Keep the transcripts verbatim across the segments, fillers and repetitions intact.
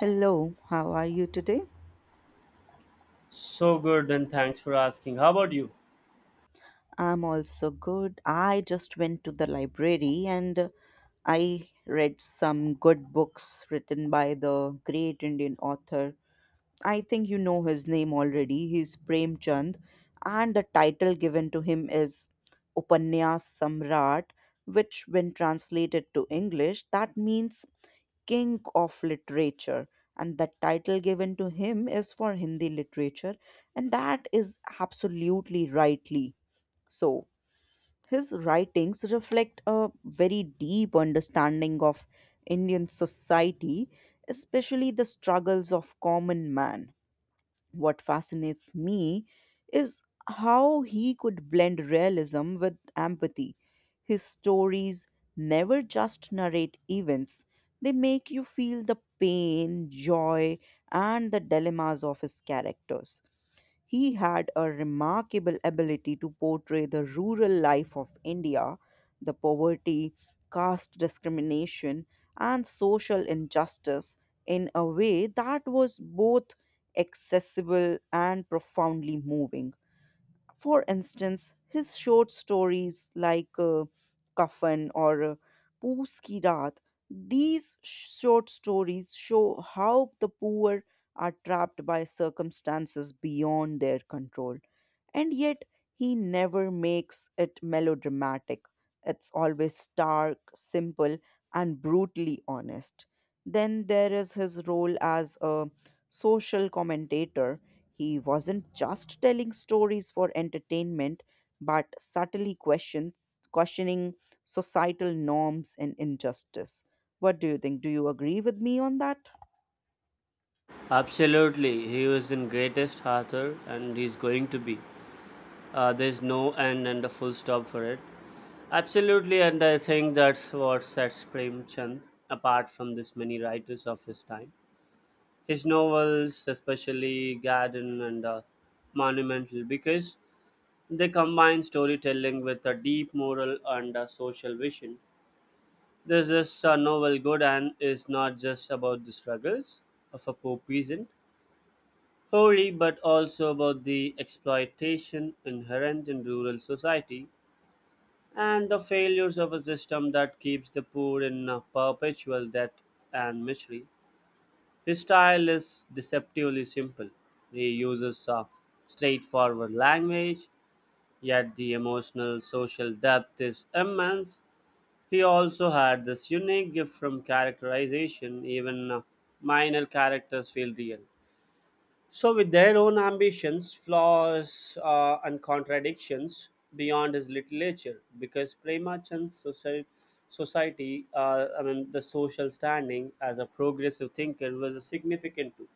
Hello, how are you today? So good, and thanks for asking. How about you? I'm also good. I just went to the library and uh, I read some good books written by the great Indian author. I think you know his name already. He's Premchand, and the title given to him is Upanyas Samrat, which, when translated to English, that means king of literature, and the title given to him is for Hindi literature, and that is absolutely rightly so. His writings reflect a very deep understanding of Indian society, especially the struggles of common man. What fascinates me is how he could blend realism with empathy. His stories never just narrate events, they make you feel the pain, joy, and the dilemmas of his characters. He had a remarkable ability to portray the rural life of India, the poverty, caste discrimination, and social injustice in a way that was both accessible and profoundly moving. For instance, his short stories like uh, Kafan or uh, Poos Ki Raat, these short stories show how the poor are trapped by circumstances beyond their control. And yet, he never makes it melodramatic. It's always stark, simple, and brutally honest. Then there is his role as a social commentator. He wasn't just telling stories for entertainment, but subtly question, questioning societal norms and injustice. What do you think? Do you agree with me on that? Absolutely, he was in greatest author, and he's going to be. Uh, there's no end and a full stop for it. Absolutely, and I think that's what sets Premchand apart from this many writers of his time. His novels, especially Garden and uh, Monumental, because they combine storytelling with a deep moral and a social vision. This is a novel good and is not just about the struggles of a poor peasant, holy, but also about the exploitation inherent in rural society and the failures of a system that keeps the poor in a perpetual debt and misery. His style is deceptively simple. He uses a straightforward language, yet the emotional social depth is immense. He also had this unique gift from characterization, even uh, minor characters feel real. So, with their own ambitions, flaws, uh, and contradictions beyond his literature, because Premachand's society, society uh, I mean, the social standing as a progressive thinker was significant too.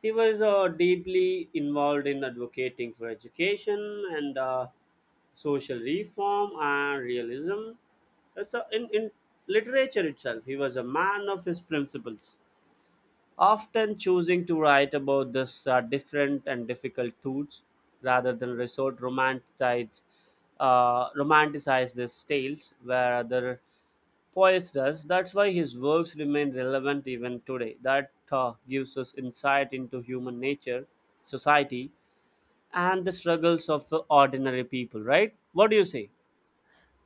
He was uh, deeply involved in advocating for education and uh, social reform and realism. So in, in literature itself, he was a man of his principles, often choosing to write about this uh, different and difficult truths rather than resort romanticize, uh, romanticize these tales where other poets does. That's why his works remain relevant even today. That uh, gives us insight into human nature, society, and the struggles of the ordinary people, right? What do you say?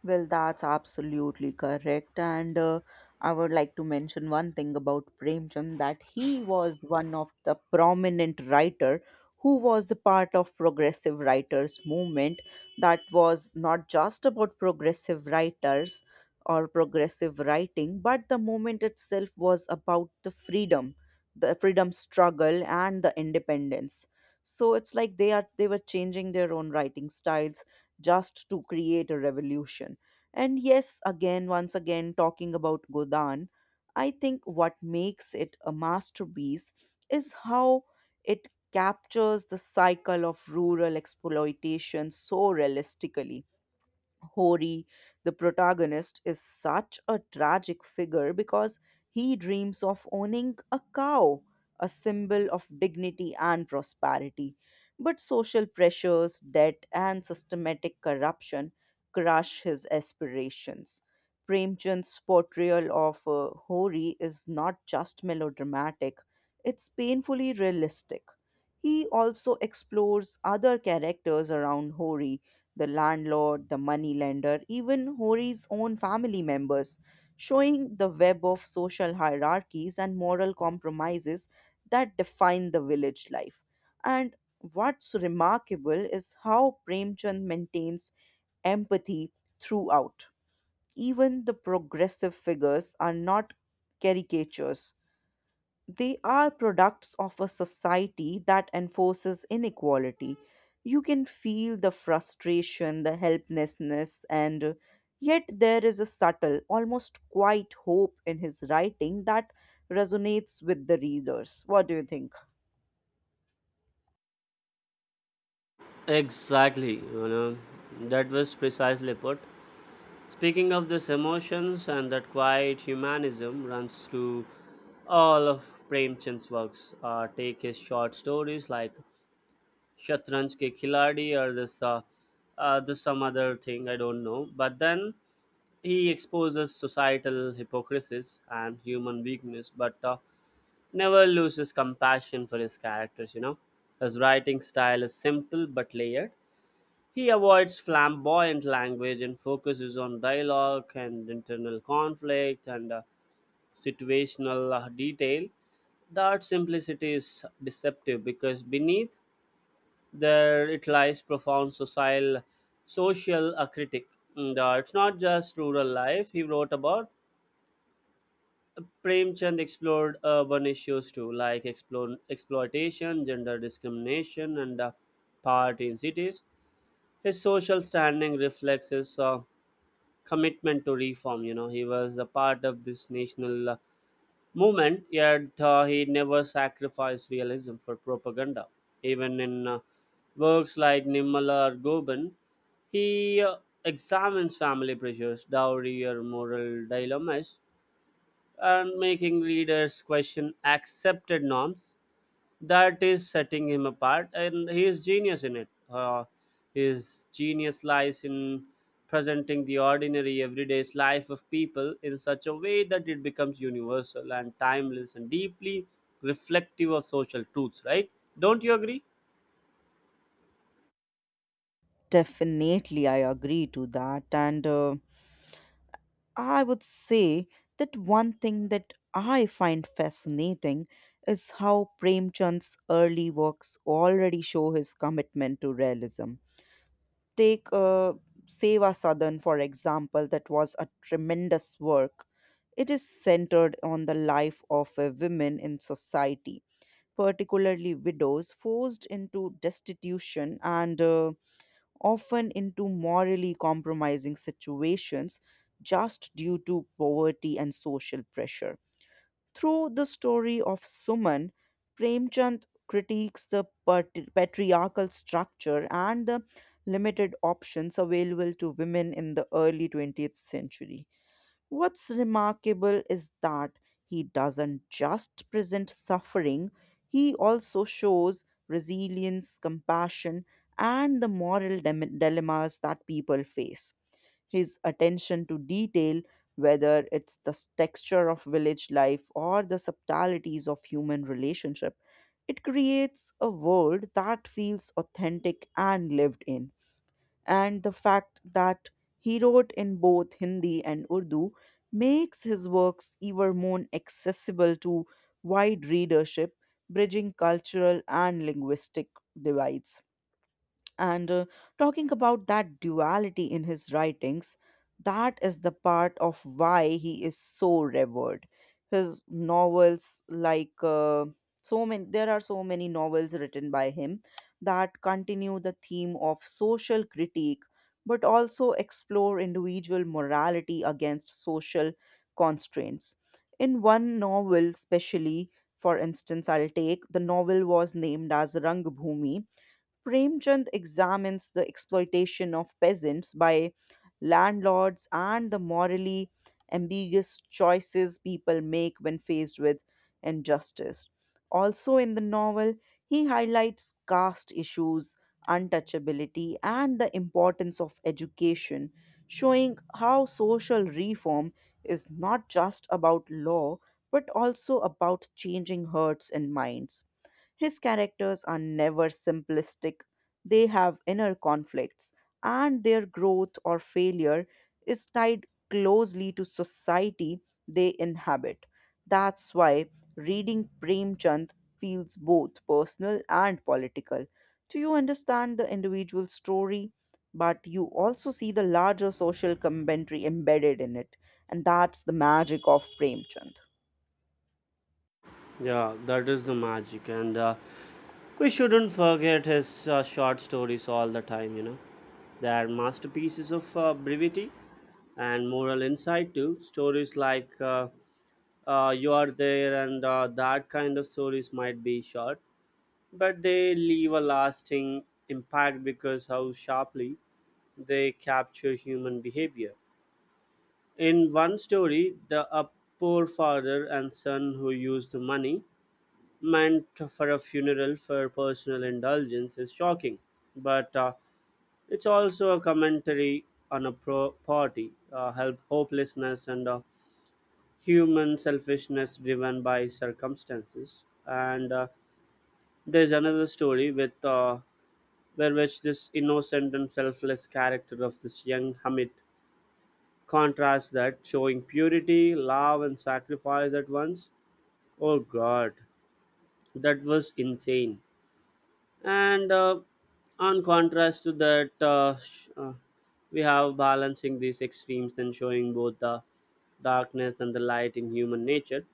Well, that's absolutely correct. And uh, I would like to mention one thing about Premchand, that he was one of the prominent writer who was the part of progressive writers movement, that was not just about progressive writers or progressive writing, but the movement itself was about the freedom, the freedom struggle and the independence. So it's like they are they were changing their own writing styles just to create a revolution. And yes, again, once again, talking about Godan, I think what makes it a masterpiece is how it captures the cycle of rural exploitation so realistically. Hori, the protagonist, is such a tragic figure because he dreams of owning a cow, a symbol of dignity and prosperity. But social pressures, debt, and systematic corruption crush his aspirations. Premchand's portrayal of uh, Hori is not just melodramatic, it's painfully realistic. He also explores other characters around Hori, the landlord, the moneylender, even Hori's own family members, showing the web of social hierarchies and moral compromises that define the village life. And what's remarkable is how Premchand maintains empathy throughout. Even the progressive figures are not caricatures, they are products of a society that enforces inequality. You can feel the frustration, the helplessness, and uh, yet there is a subtle, almost quiet hope in his writing that resonates with the readers. What do you think? Exactly, you know, that was precisely put. Speaking of this emotions and that quiet humanism runs through all of Premchand's works. Uh, take his short stories like Shatranj Ke Khiladi or this, uh, uh, this some other thing I don't know. But then he exposes societal hypocrisies and human weakness, but uh, never loses compassion for his characters, you know. His writing style is simple but layered. He avoids flamboyant language and focuses on dialogue and internal conflict and uh, situational uh, detail. That simplicity is deceptive because beneath there it lies profound social, social uh, critic. And, uh, it's not just rural life he wrote about. Premchand explored urban issues too, like explo- exploitation, gender discrimination, and uh, poverty in cities. His social standing reflects his uh, commitment to reform. You know, he was a part of this national uh, movement, yet uh, he never sacrificed realism for propaganda. Even in uh, works like Nimala or Goban, he uh, examines family pressures, dowry, or moral dilemmas and making readers question accepted norms. That is setting him apart, and he is genius in it. Uh, his genius lies in presenting the ordinary, everyday life of people in such a way that it becomes universal and timeless and deeply reflective of social truths, right? Don't you agree? Definitely, I agree to that. And uh, I would say that one thing that I find fascinating is how Premchand's early works already show his commitment to realism. Take uh, Seva Sadhan, for example, that was a tremendous work. It is centered on the life of uh, women in society, particularly widows forced into destitution and uh, often into morally compromising situations just due to poverty and social pressure. Through the story of Suman, Premchand critiques the patri- patriarchal structure and the limited options available to women in the early twentieth century. What's remarkable is that he doesn't just present suffering, he also shows resilience, compassion, and the moral dile- dilemmas that people face. His attention to detail, whether it's the s- texture of village life or the subtleties of human relationship, it creates a world that feels authentic and lived in. And the fact that he wrote in both Hindi and Urdu makes his works even more accessible to wide readership, bridging cultural and linguistic divides. And uh, talking about that duality in his writings, that is the part of why he is so revered. His novels like uh, so many, there are so many novels written by him that continue the theme of social critique but also explore individual morality against social constraints. In one novel especially, for instance, I'll take the novel was named as Rangbhumi. Premchand examines the exploitation of peasants by landlords and the morally ambiguous choices people make when faced with injustice. Also, in the novel, he highlights caste issues, untouchability, and the importance of education, showing how social reform is not just about law but also about changing hearts and minds. His characters are never simplistic, they have inner conflicts, and their growth or failure is tied closely to society they inhabit. That's why reading Premchand feels both personal and political. Do you understand the individual story? But you also see the larger social commentary embedded in it. And that's the magic of Premchand. Yeah, that is the magic, and uh, we shouldn't forget his uh, short stories all the time, you know. They are masterpieces of uh, brevity and moral insight too. Stories like uh, uh, You Are There and uh, that kind of stories might be short, but they leave a lasting impact because how sharply they capture human behavior. In one story, the a poor father and son who used the money meant for a funeral for personal indulgence is shocking, but uh, it's also a commentary on a pro- poverty, uh, help, hopelessness, and uh, human selfishness driven by circumstances. And uh, there's another story with uh, where which this innocent and selfless character of this young Hamid contrasts that, showing purity love and sacrifice at once. Oh God, that was insane. And uh, on contrast to that uh, sh- uh, we have balancing these extremes and showing both the darkness and the light in human nature.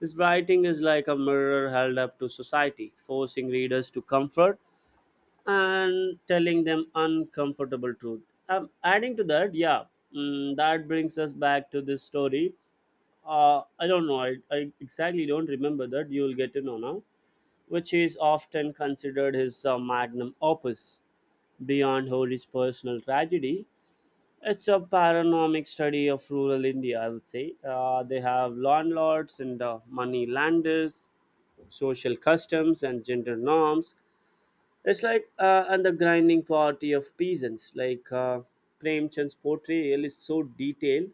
His writing is like a mirror held up to society, forcing readers to comfort and telling them uncomfortable truth. Um, adding to that, yeah, mm, that brings us back to this story. Uh, I don't know, I, I exactly don't remember that. You'll get to know now, which is often considered his uh, magnum opus. Beyond Holy's personal tragedy, it's a panoramic study of rural India, I would say. Uh, they have landlords and uh, money landers, social customs and gender norms. It's like uh, and the grinding party of peasants, like uh, Premchand's portrayal is so detailed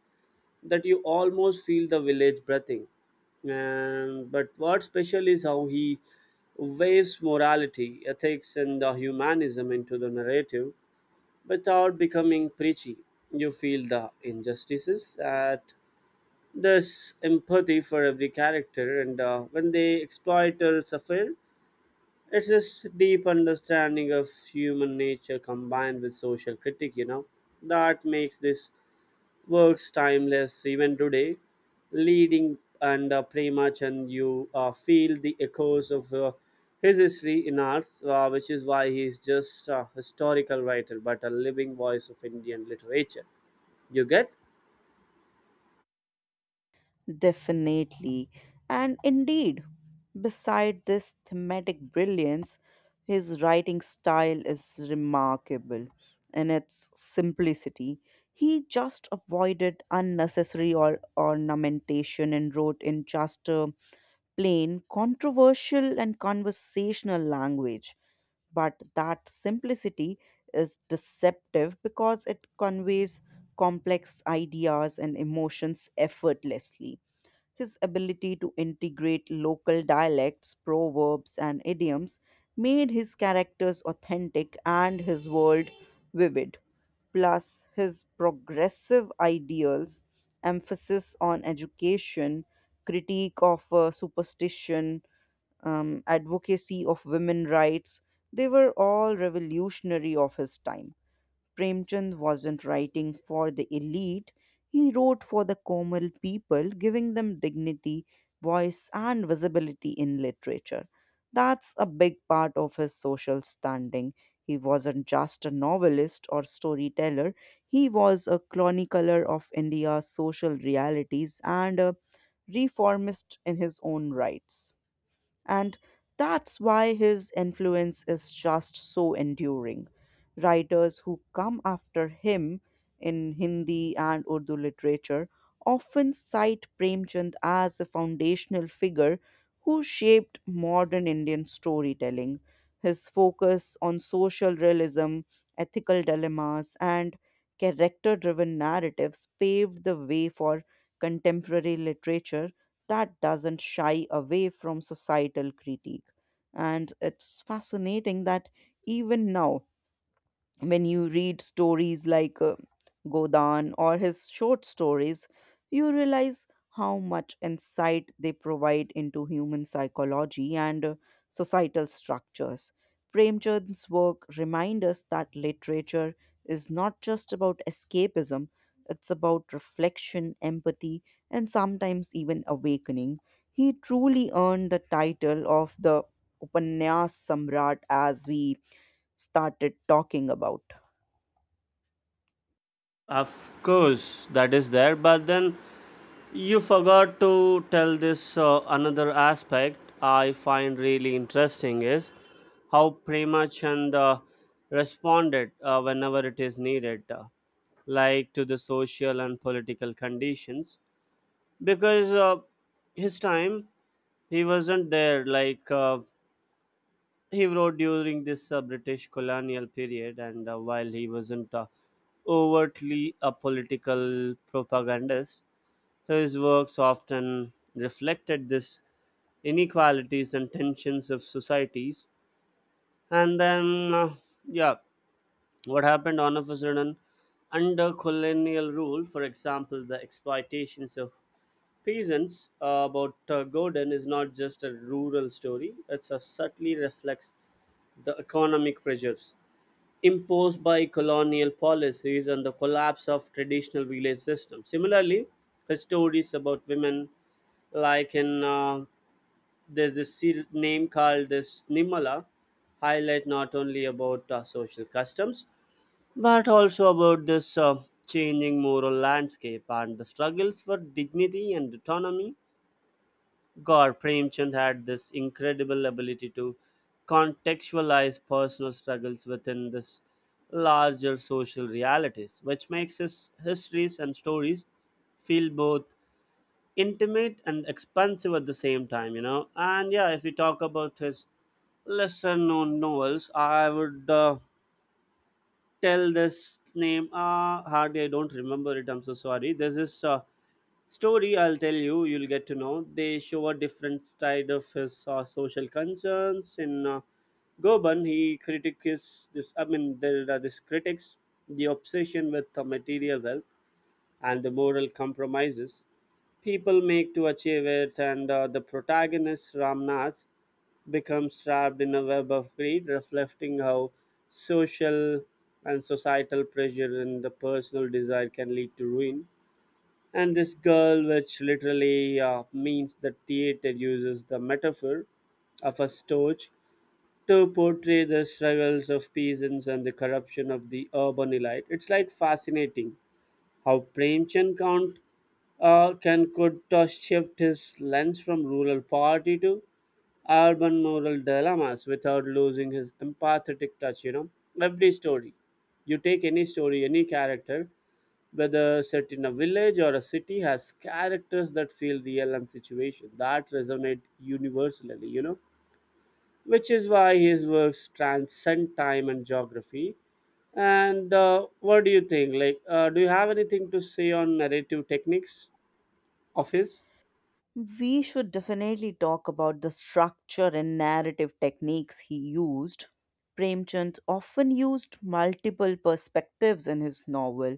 that you almost feel the village breathing. And but what's special is how he waves morality, ethics, and the humanism into the narrative without becoming preachy. You feel the injustices at there's empathy for every character, and uh, when they exploit or suffer, it's this deep understanding of human nature combined with social critique, you know, that makes this works timeless even today. Leading and uh, Premachan, you uh, feel the echoes of uh, his history in art, uh, which is why he is just a historical writer but a living voice of Indian literature. You get? Definitely. And indeed, beside this thematic brilliance, his writing style is remarkable in its simplicity. He just avoided unnecessary or ornamentation and wrote in just a plain, controversial, and conversational language. But that simplicity is deceptive because it conveys complex ideas and emotions effortlessly. His ability to integrate local dialects, proverbs, and idioms made his characters authentic and his world vivid. Plus, his progressive ideals, emphasis on education, critique of uh, superstition, um, advocacy of women rights, they were all revolutionary of his time. Premchand wasn't writing for the elite, he wrote for the Komal people, giving them dignity, voice, and visibility in literature. That's a big part of his social standing. He wasn't just a novelist or storyteller, he was a chronicler of India's social realities and a reformist in his own rights. And that's why his influence is just so enduring. Writers who come after him in Hindi and Urdu literature often cite Premchand as a foundational figure who shaped modern Indian storytelling. His focus on social realism, ethical dilemmas, and character driven narratives paved the way for contemporary literature that doesn't shy away from societal critique. And it's fascinating that even now, when you read stories like uh, Godan or his short stories, you realize how much insight they provide into human psychology and uh, societal structures. Premchand's work reminds us that literature is not just about escapism, it's about reflection, empathy, and sometimes even awakening. He truly earned the title of the Upanyas Samrat as we started talking about. Of course, that is there, but then you forgot to tell this uh, another aspect I find really interesting is how Prema Chand uh, responded uh, whenever it is needed, uh, like to the social and political conditions. Because uh, his time he wasn't there, like uh, he wrote during this uh, British colonial period, and uh, while he wasn't uh, overtly a political propagandist, so his works often reflected this inequalities and tensions of societies. And then, uh, yeah, what happened all of a sudden under colonial rule, for example, the exploitations of peasants uh, about uh, Gordon is not just a rural story; it subtly reflects the economic pressures imposed by colonial policies and the collapse of traditional village systems. Similarly, his stories about women like in uh, there's this ser- name called this Nimala highlight not only about uh, social customs but also about this uh, changing moral landscape and the struggles for dignity and autonomy. God, Premchand had this incredible ability to contextualize personal struggles within this larger social realities which makes his histories and stories feel both intimate and expansive at the same time, you know. And yeah, if we talk about his lesser known novels, I would uh, tell this name. Uh, hardly I don't remember it. I'm so sorry. There's this uh, story I'll tell you. You'll get to know. They show a different side of his uh, social concerns in. Uh, Goban, he critiques this. I mean, there are these critics, the obsession with the material wealth and the moral compromises people make to achieve it, and uh, the protagonist Ramnath becomes trapped in a web of greed, reflecting how social and societal pressure and the personal desire can lead to ruin. And this girl, which literally uh, means the theater, uses the metaphor of a storch to portray the struggles of peasants and the corruption of the urban elite. It's like fascinating how Premchand can't uh, can could uh, shift his lens from rural poverty to urban moral dilemmas without losing his empathetic touch. You know, every story, you take any story, any character, whether set in a village or a city, has characters that feel real and situation that resonate universally. You know, which is why his works transcend time and geography. And uh, what do you think? Like, uh, do you have anything to say on narrative techniques of his? We should definitely talk about the structure and narrative techniques he used. Premchand often used multiple perspectives in his novel,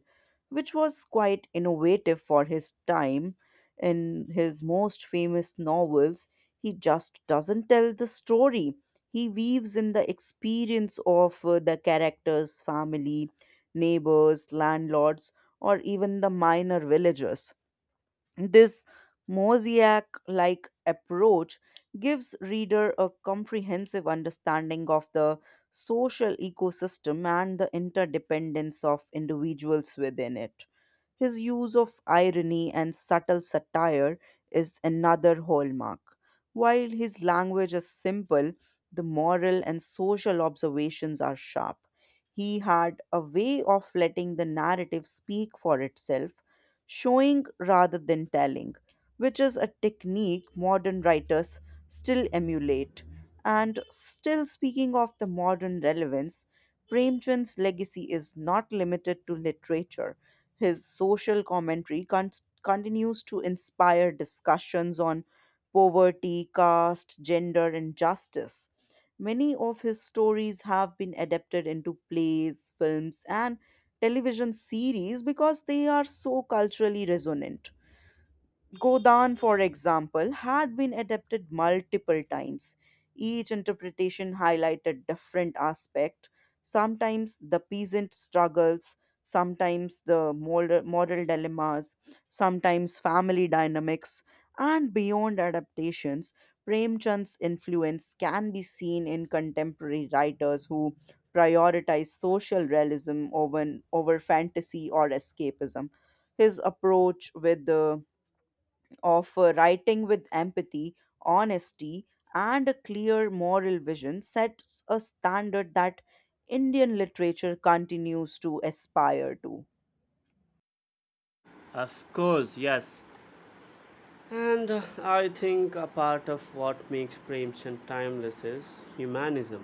which was quite innovative for his time. In his most famous novels, he just doesn't tell the story. He weaves in the experience of uh, the characters, family, neighbors, landlords, or even the minor villagers. This mosaic like approach gives reader a comprehensive understanding of the social ecosystem and the interdependence of individuals within it. His use of irony and subtle satire is another hallmark. While his language is simple, the moral and social observations are sharp. He had a way of letting the narrative speak for itself, showing rather than telling, which is a technique modern writers still emulate. And still speaking of the modern relevance, Premchand's legacy is not limited to literature. His social commentary con- continues to inspire discussions on poverty, caste, gender, and justice. Many of his stories have been adapted into plays, films, and television series because they are so culturally resonant. Godan, for example, had been adapted multiple times. Each interpretation highlighted different aspect. Sometimes the peasant struggles, sometimes the moral, moral dilemmas, sometimes family dynamics, and beyond adaptations, Premchand's influence can be seen in contemporary writers who prioritize social realism over, over fantasy or escapism. His approach with the of uh, writing with empathy, honesty, and a clear moral vision sets a standard that Indian literature continues to aspire to. Of course, yes. And uh, I think a part of what makes Premchand timeless is humanism,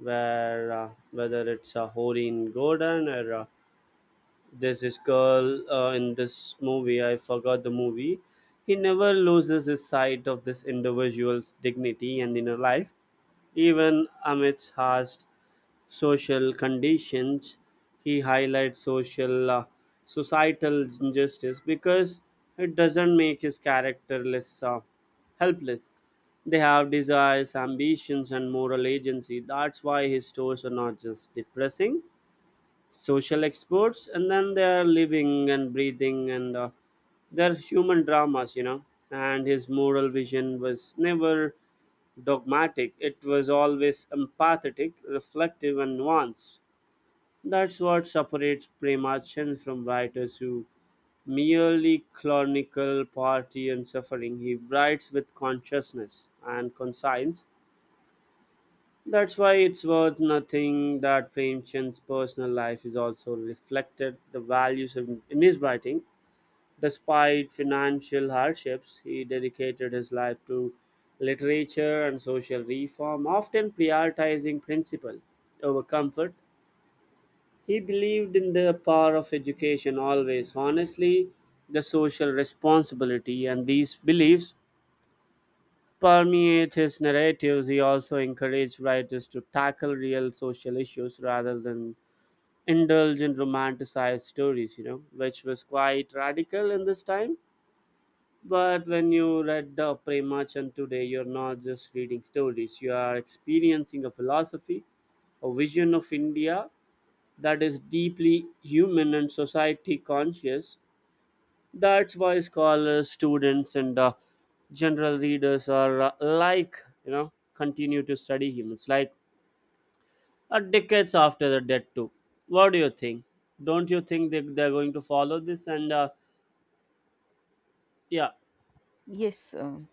where uh, whether it's a Horin Gordon or uh, there's this girl uh, in this movie, I forgot the movie, he never loses his sight of this individual's dignity and inner life, even amidst harsh social conditions. He highlights social uh, societal injustice because it doesn't make his character less uh, helpless. They have desires, ambitions, and moral agency. That's why his stories are not just depressing social experts, and then they are living and breathing and uh, they're human dramas you know And his moral vision was never dogmatic. It was always empathetic, reflective, and nuanced. That's what separates Premachan from writers who merely chronicle poverty and suffering. He writes with consciousness and conscience. That's why it's worth nothing that Premachand's personal life is also reflected the values in, in his writing. Despite financial hardships, he dedicated his life to literature and social reform, often prioritizing principle over comfort. He believed in the power of education always. Honestly, the social responsibility and these beliefs permeate his narratives. He also encouraged writers to tackle real social issues rather than indulge in romanticized stories, you know, which was quite radical in this time. But when you read the Premachan today, you're not just reading stories, you are experiencing a philosophy, a vision of India that is deeply human and society conscious. That's why scholars, students, and uh, general readers are uh, like, you know, continue to study humans, like uh, decades after the death, too. What do you think? Don't you think they, they're going to follow this? And uh, yeah, Yes, um,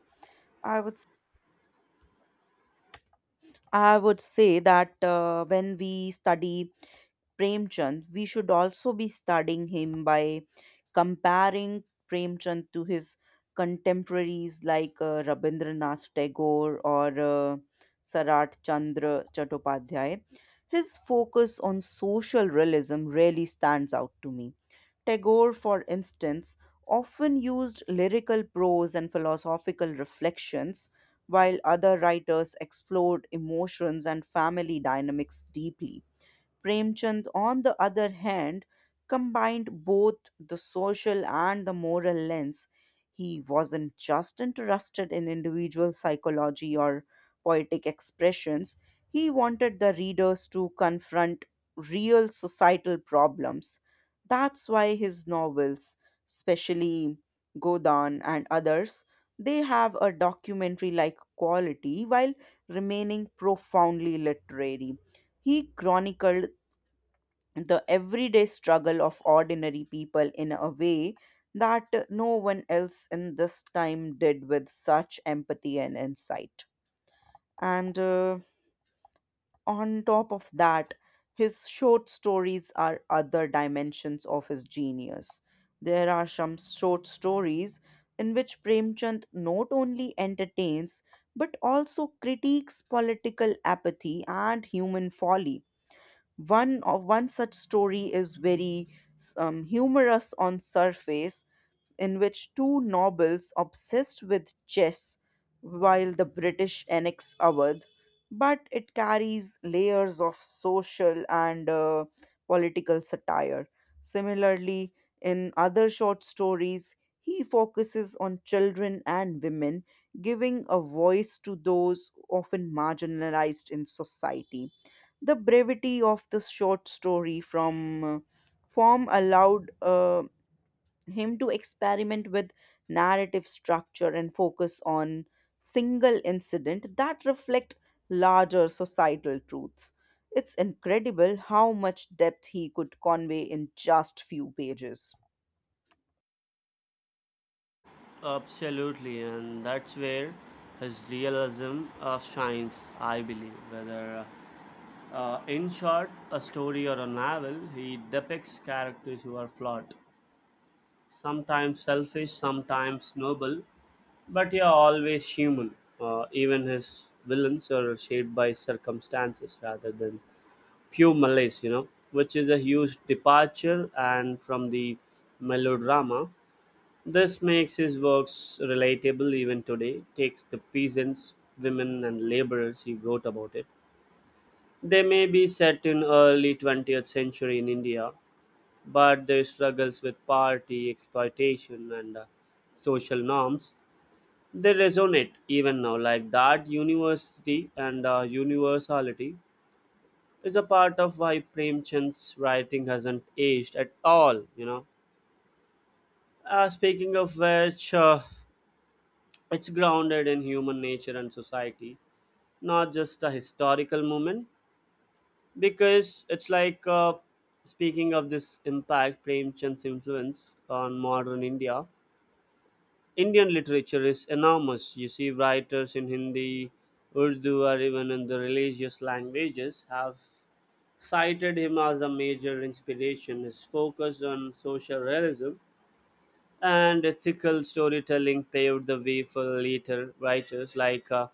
I would s- I would say that uh, when we study Premchand, we should also be studying him by comparing Premchand to his contemporaries like uh, Rabindranath Tagore or uh, Sarat Chandra Chattopadhyay. His focus on social realism really stands out to me. Tagore, for instance, often used lyrical prose and philosophical reflections, while other writers explored emotions and family dynamics deeply. Premchand, on the other hand, combined both the social and the moral lens. He wasn't just interested in individual psychology or poetic expressions, he wanted the readers to confront real societal problems. That's why his novels, especially Godan and others, they have a documentary like quality while remaining profoundly literary. He chronicled the everyday struggle of ordinary people in a way that no one else in this time did with such empathy and insight. And uh, on top of that, his short stories are other dimensions of his genius. There are some short stories in which Premchand not only entertains but also critiques political apathy and human folly. One of one such story is very um, humorous on surface, in which two nobles obsessed with chess while the British annex Awadh, but it carries layers of social and uh, political satire. Similarly, in other short stories, he focuses on children and women, giving a voice to those often marginalized in society. The brevity of the short story from uh, form allowed uh, him to experiment with narrative structure and focus on single incident that reflect larger societal truths. It's incredible how much depth he could convey in just few pages. absolutely. And that's where his realism uh, shines, I believe. Whether uh, uh, in short, a story or a novel, he depicts characters who are flawed sometimes selfish, sometimes noble, but yeah, always human. Uh, even his villains are shaped by circumstances rather than pure malice, you know, which is a huge departure and from the melodrama. This makes his works relatable even today, takes the peasants, women, and laborers he wrote about it. They may be set in early twentieth century in India, but their struggles with poverty, exploitation, and uh, social norms, they resonate even now. Like that, university and uh, universality is a part of why Premchand's writing hasn't aged at all. You know. Uh, speaking of which, uh, it's grounded in human nature and society, not just a historical moment. Because it's like uh, speaking of this impact, Premchand's influence on modern India Indian literature is enormous. You see, writers in Hindi, Urdu, or even in the religious languages have cited him as a major inspiration. His focus on social realism and ethical storytelling paved the way for later writers like uh,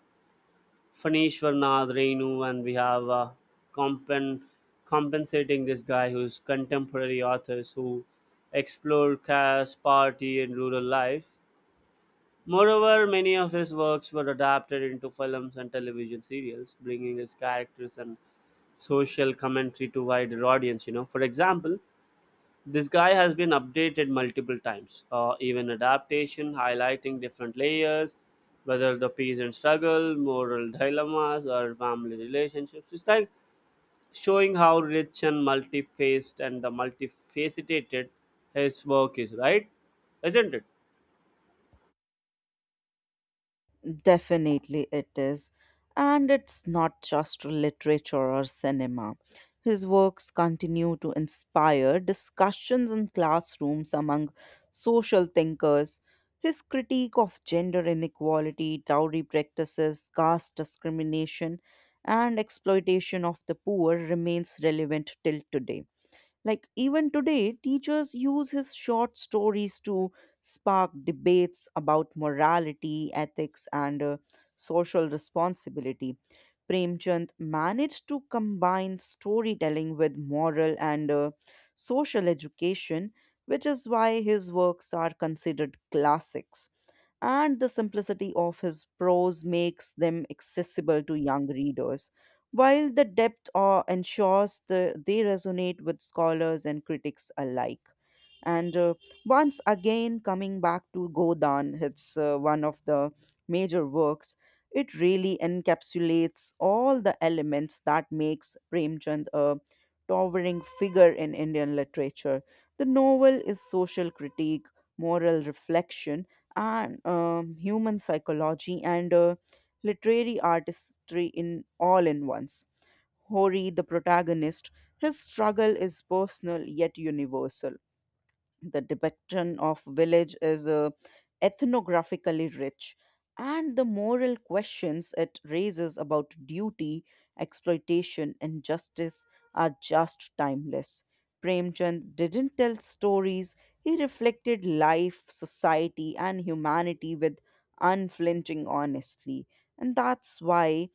Fanishwar Nath Renu, and we have uh, compen- compensating this guy who's contemporary authors who explore caste, party, and rural life. Moreover, many of his works were adapted into films and television serials, bringing his characters and social commentary to wider audience. You know, for example, this guy has been updated multiple times, uh, even adaptation highlighting different layers, whether the peasant struggle, moral dilemmas, or family relationships. It's like showing how rich and multifaced and the multifaceted his work is, right? Isn't it? Definitely it is. And it's not just literature or cinema. His works continue to inspire discussions in classrooms among social thinkers. His critique of gender inequality, dowry practices, caste discrimination, and exploitation of the poor remains relevant till today. Like even today, teachers use his short stories to spark debates about morality, ethics, and uh, social responsibility. Premchand managed to combine storytelling with moral and uh, social education, which is why his works are considered classics, and the simplicity of his prose makes them accessible to young readers, while the depth uh, ensures the, they resonate with scholars and critics alike. And uh, once again, coming back to Godan, it's uh, one of the major works. It really encapsulates all the elements that makes Premchand a towering figure in Indian literature. The novel is social critique, moral reflection, and um, human psychology and uh, literary artistry in all in once. Hori, the protagonist, his struggle is personal yet universal. The depiction of village is uh, ethnographically rich, and the moral questions it raises about duty, exploitation and justice are just timeless. Premchand didn't tell stories, he reflected life, society and humanity with unflinching honesty, and that's why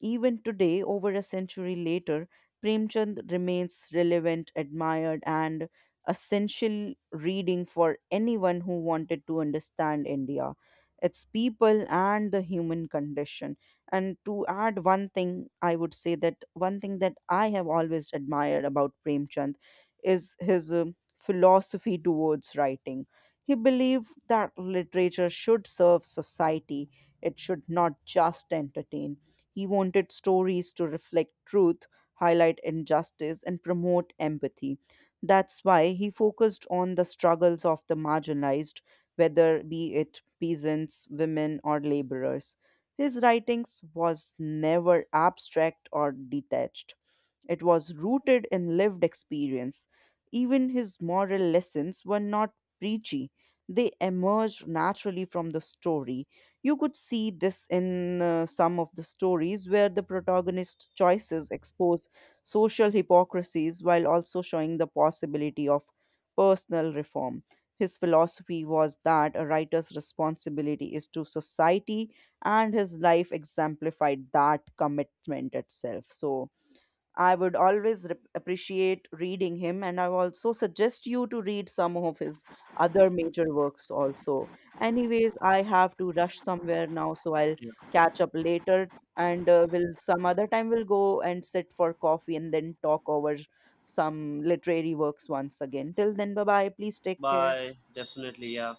even today, over a century later, Premchand remains relevant, admired, and essential reading for anyone who wanted to understand India, its people, and the human condition. And to add one thing, I would say that one thing that I have always admired about Premchand is his um philosophy towards writing. He believed that literature should serve society, it should not just entertain. He wanted stories to reflect truth, highlight injustice, and promote empathy. That's why he focused on the struggles of the marginalized, whether be it peasants, women, or laborers. His writings was never abstract or detached. It was rooted in lived experience. Even his moral lessons were not preachy, they emerged naturally from the story. You could see this in uh, some of the stories where the protagonist's choices expose social hypocrisies while also showing the possibility of personal reform. His philosophy was that a writer's responsibility is to society, and his life exemplified that commitment itself. So, I would always rep- appreciate reading him, and I also suggest you to read some of his other major works also. Anyways, I have to rush somewhere now, so I'll Yeah. catch up later, and uh, will some other time we'll go and sit for coffee and then talk over some literary works once again. Till then, bye bye. Please take care. By definitely, yeah.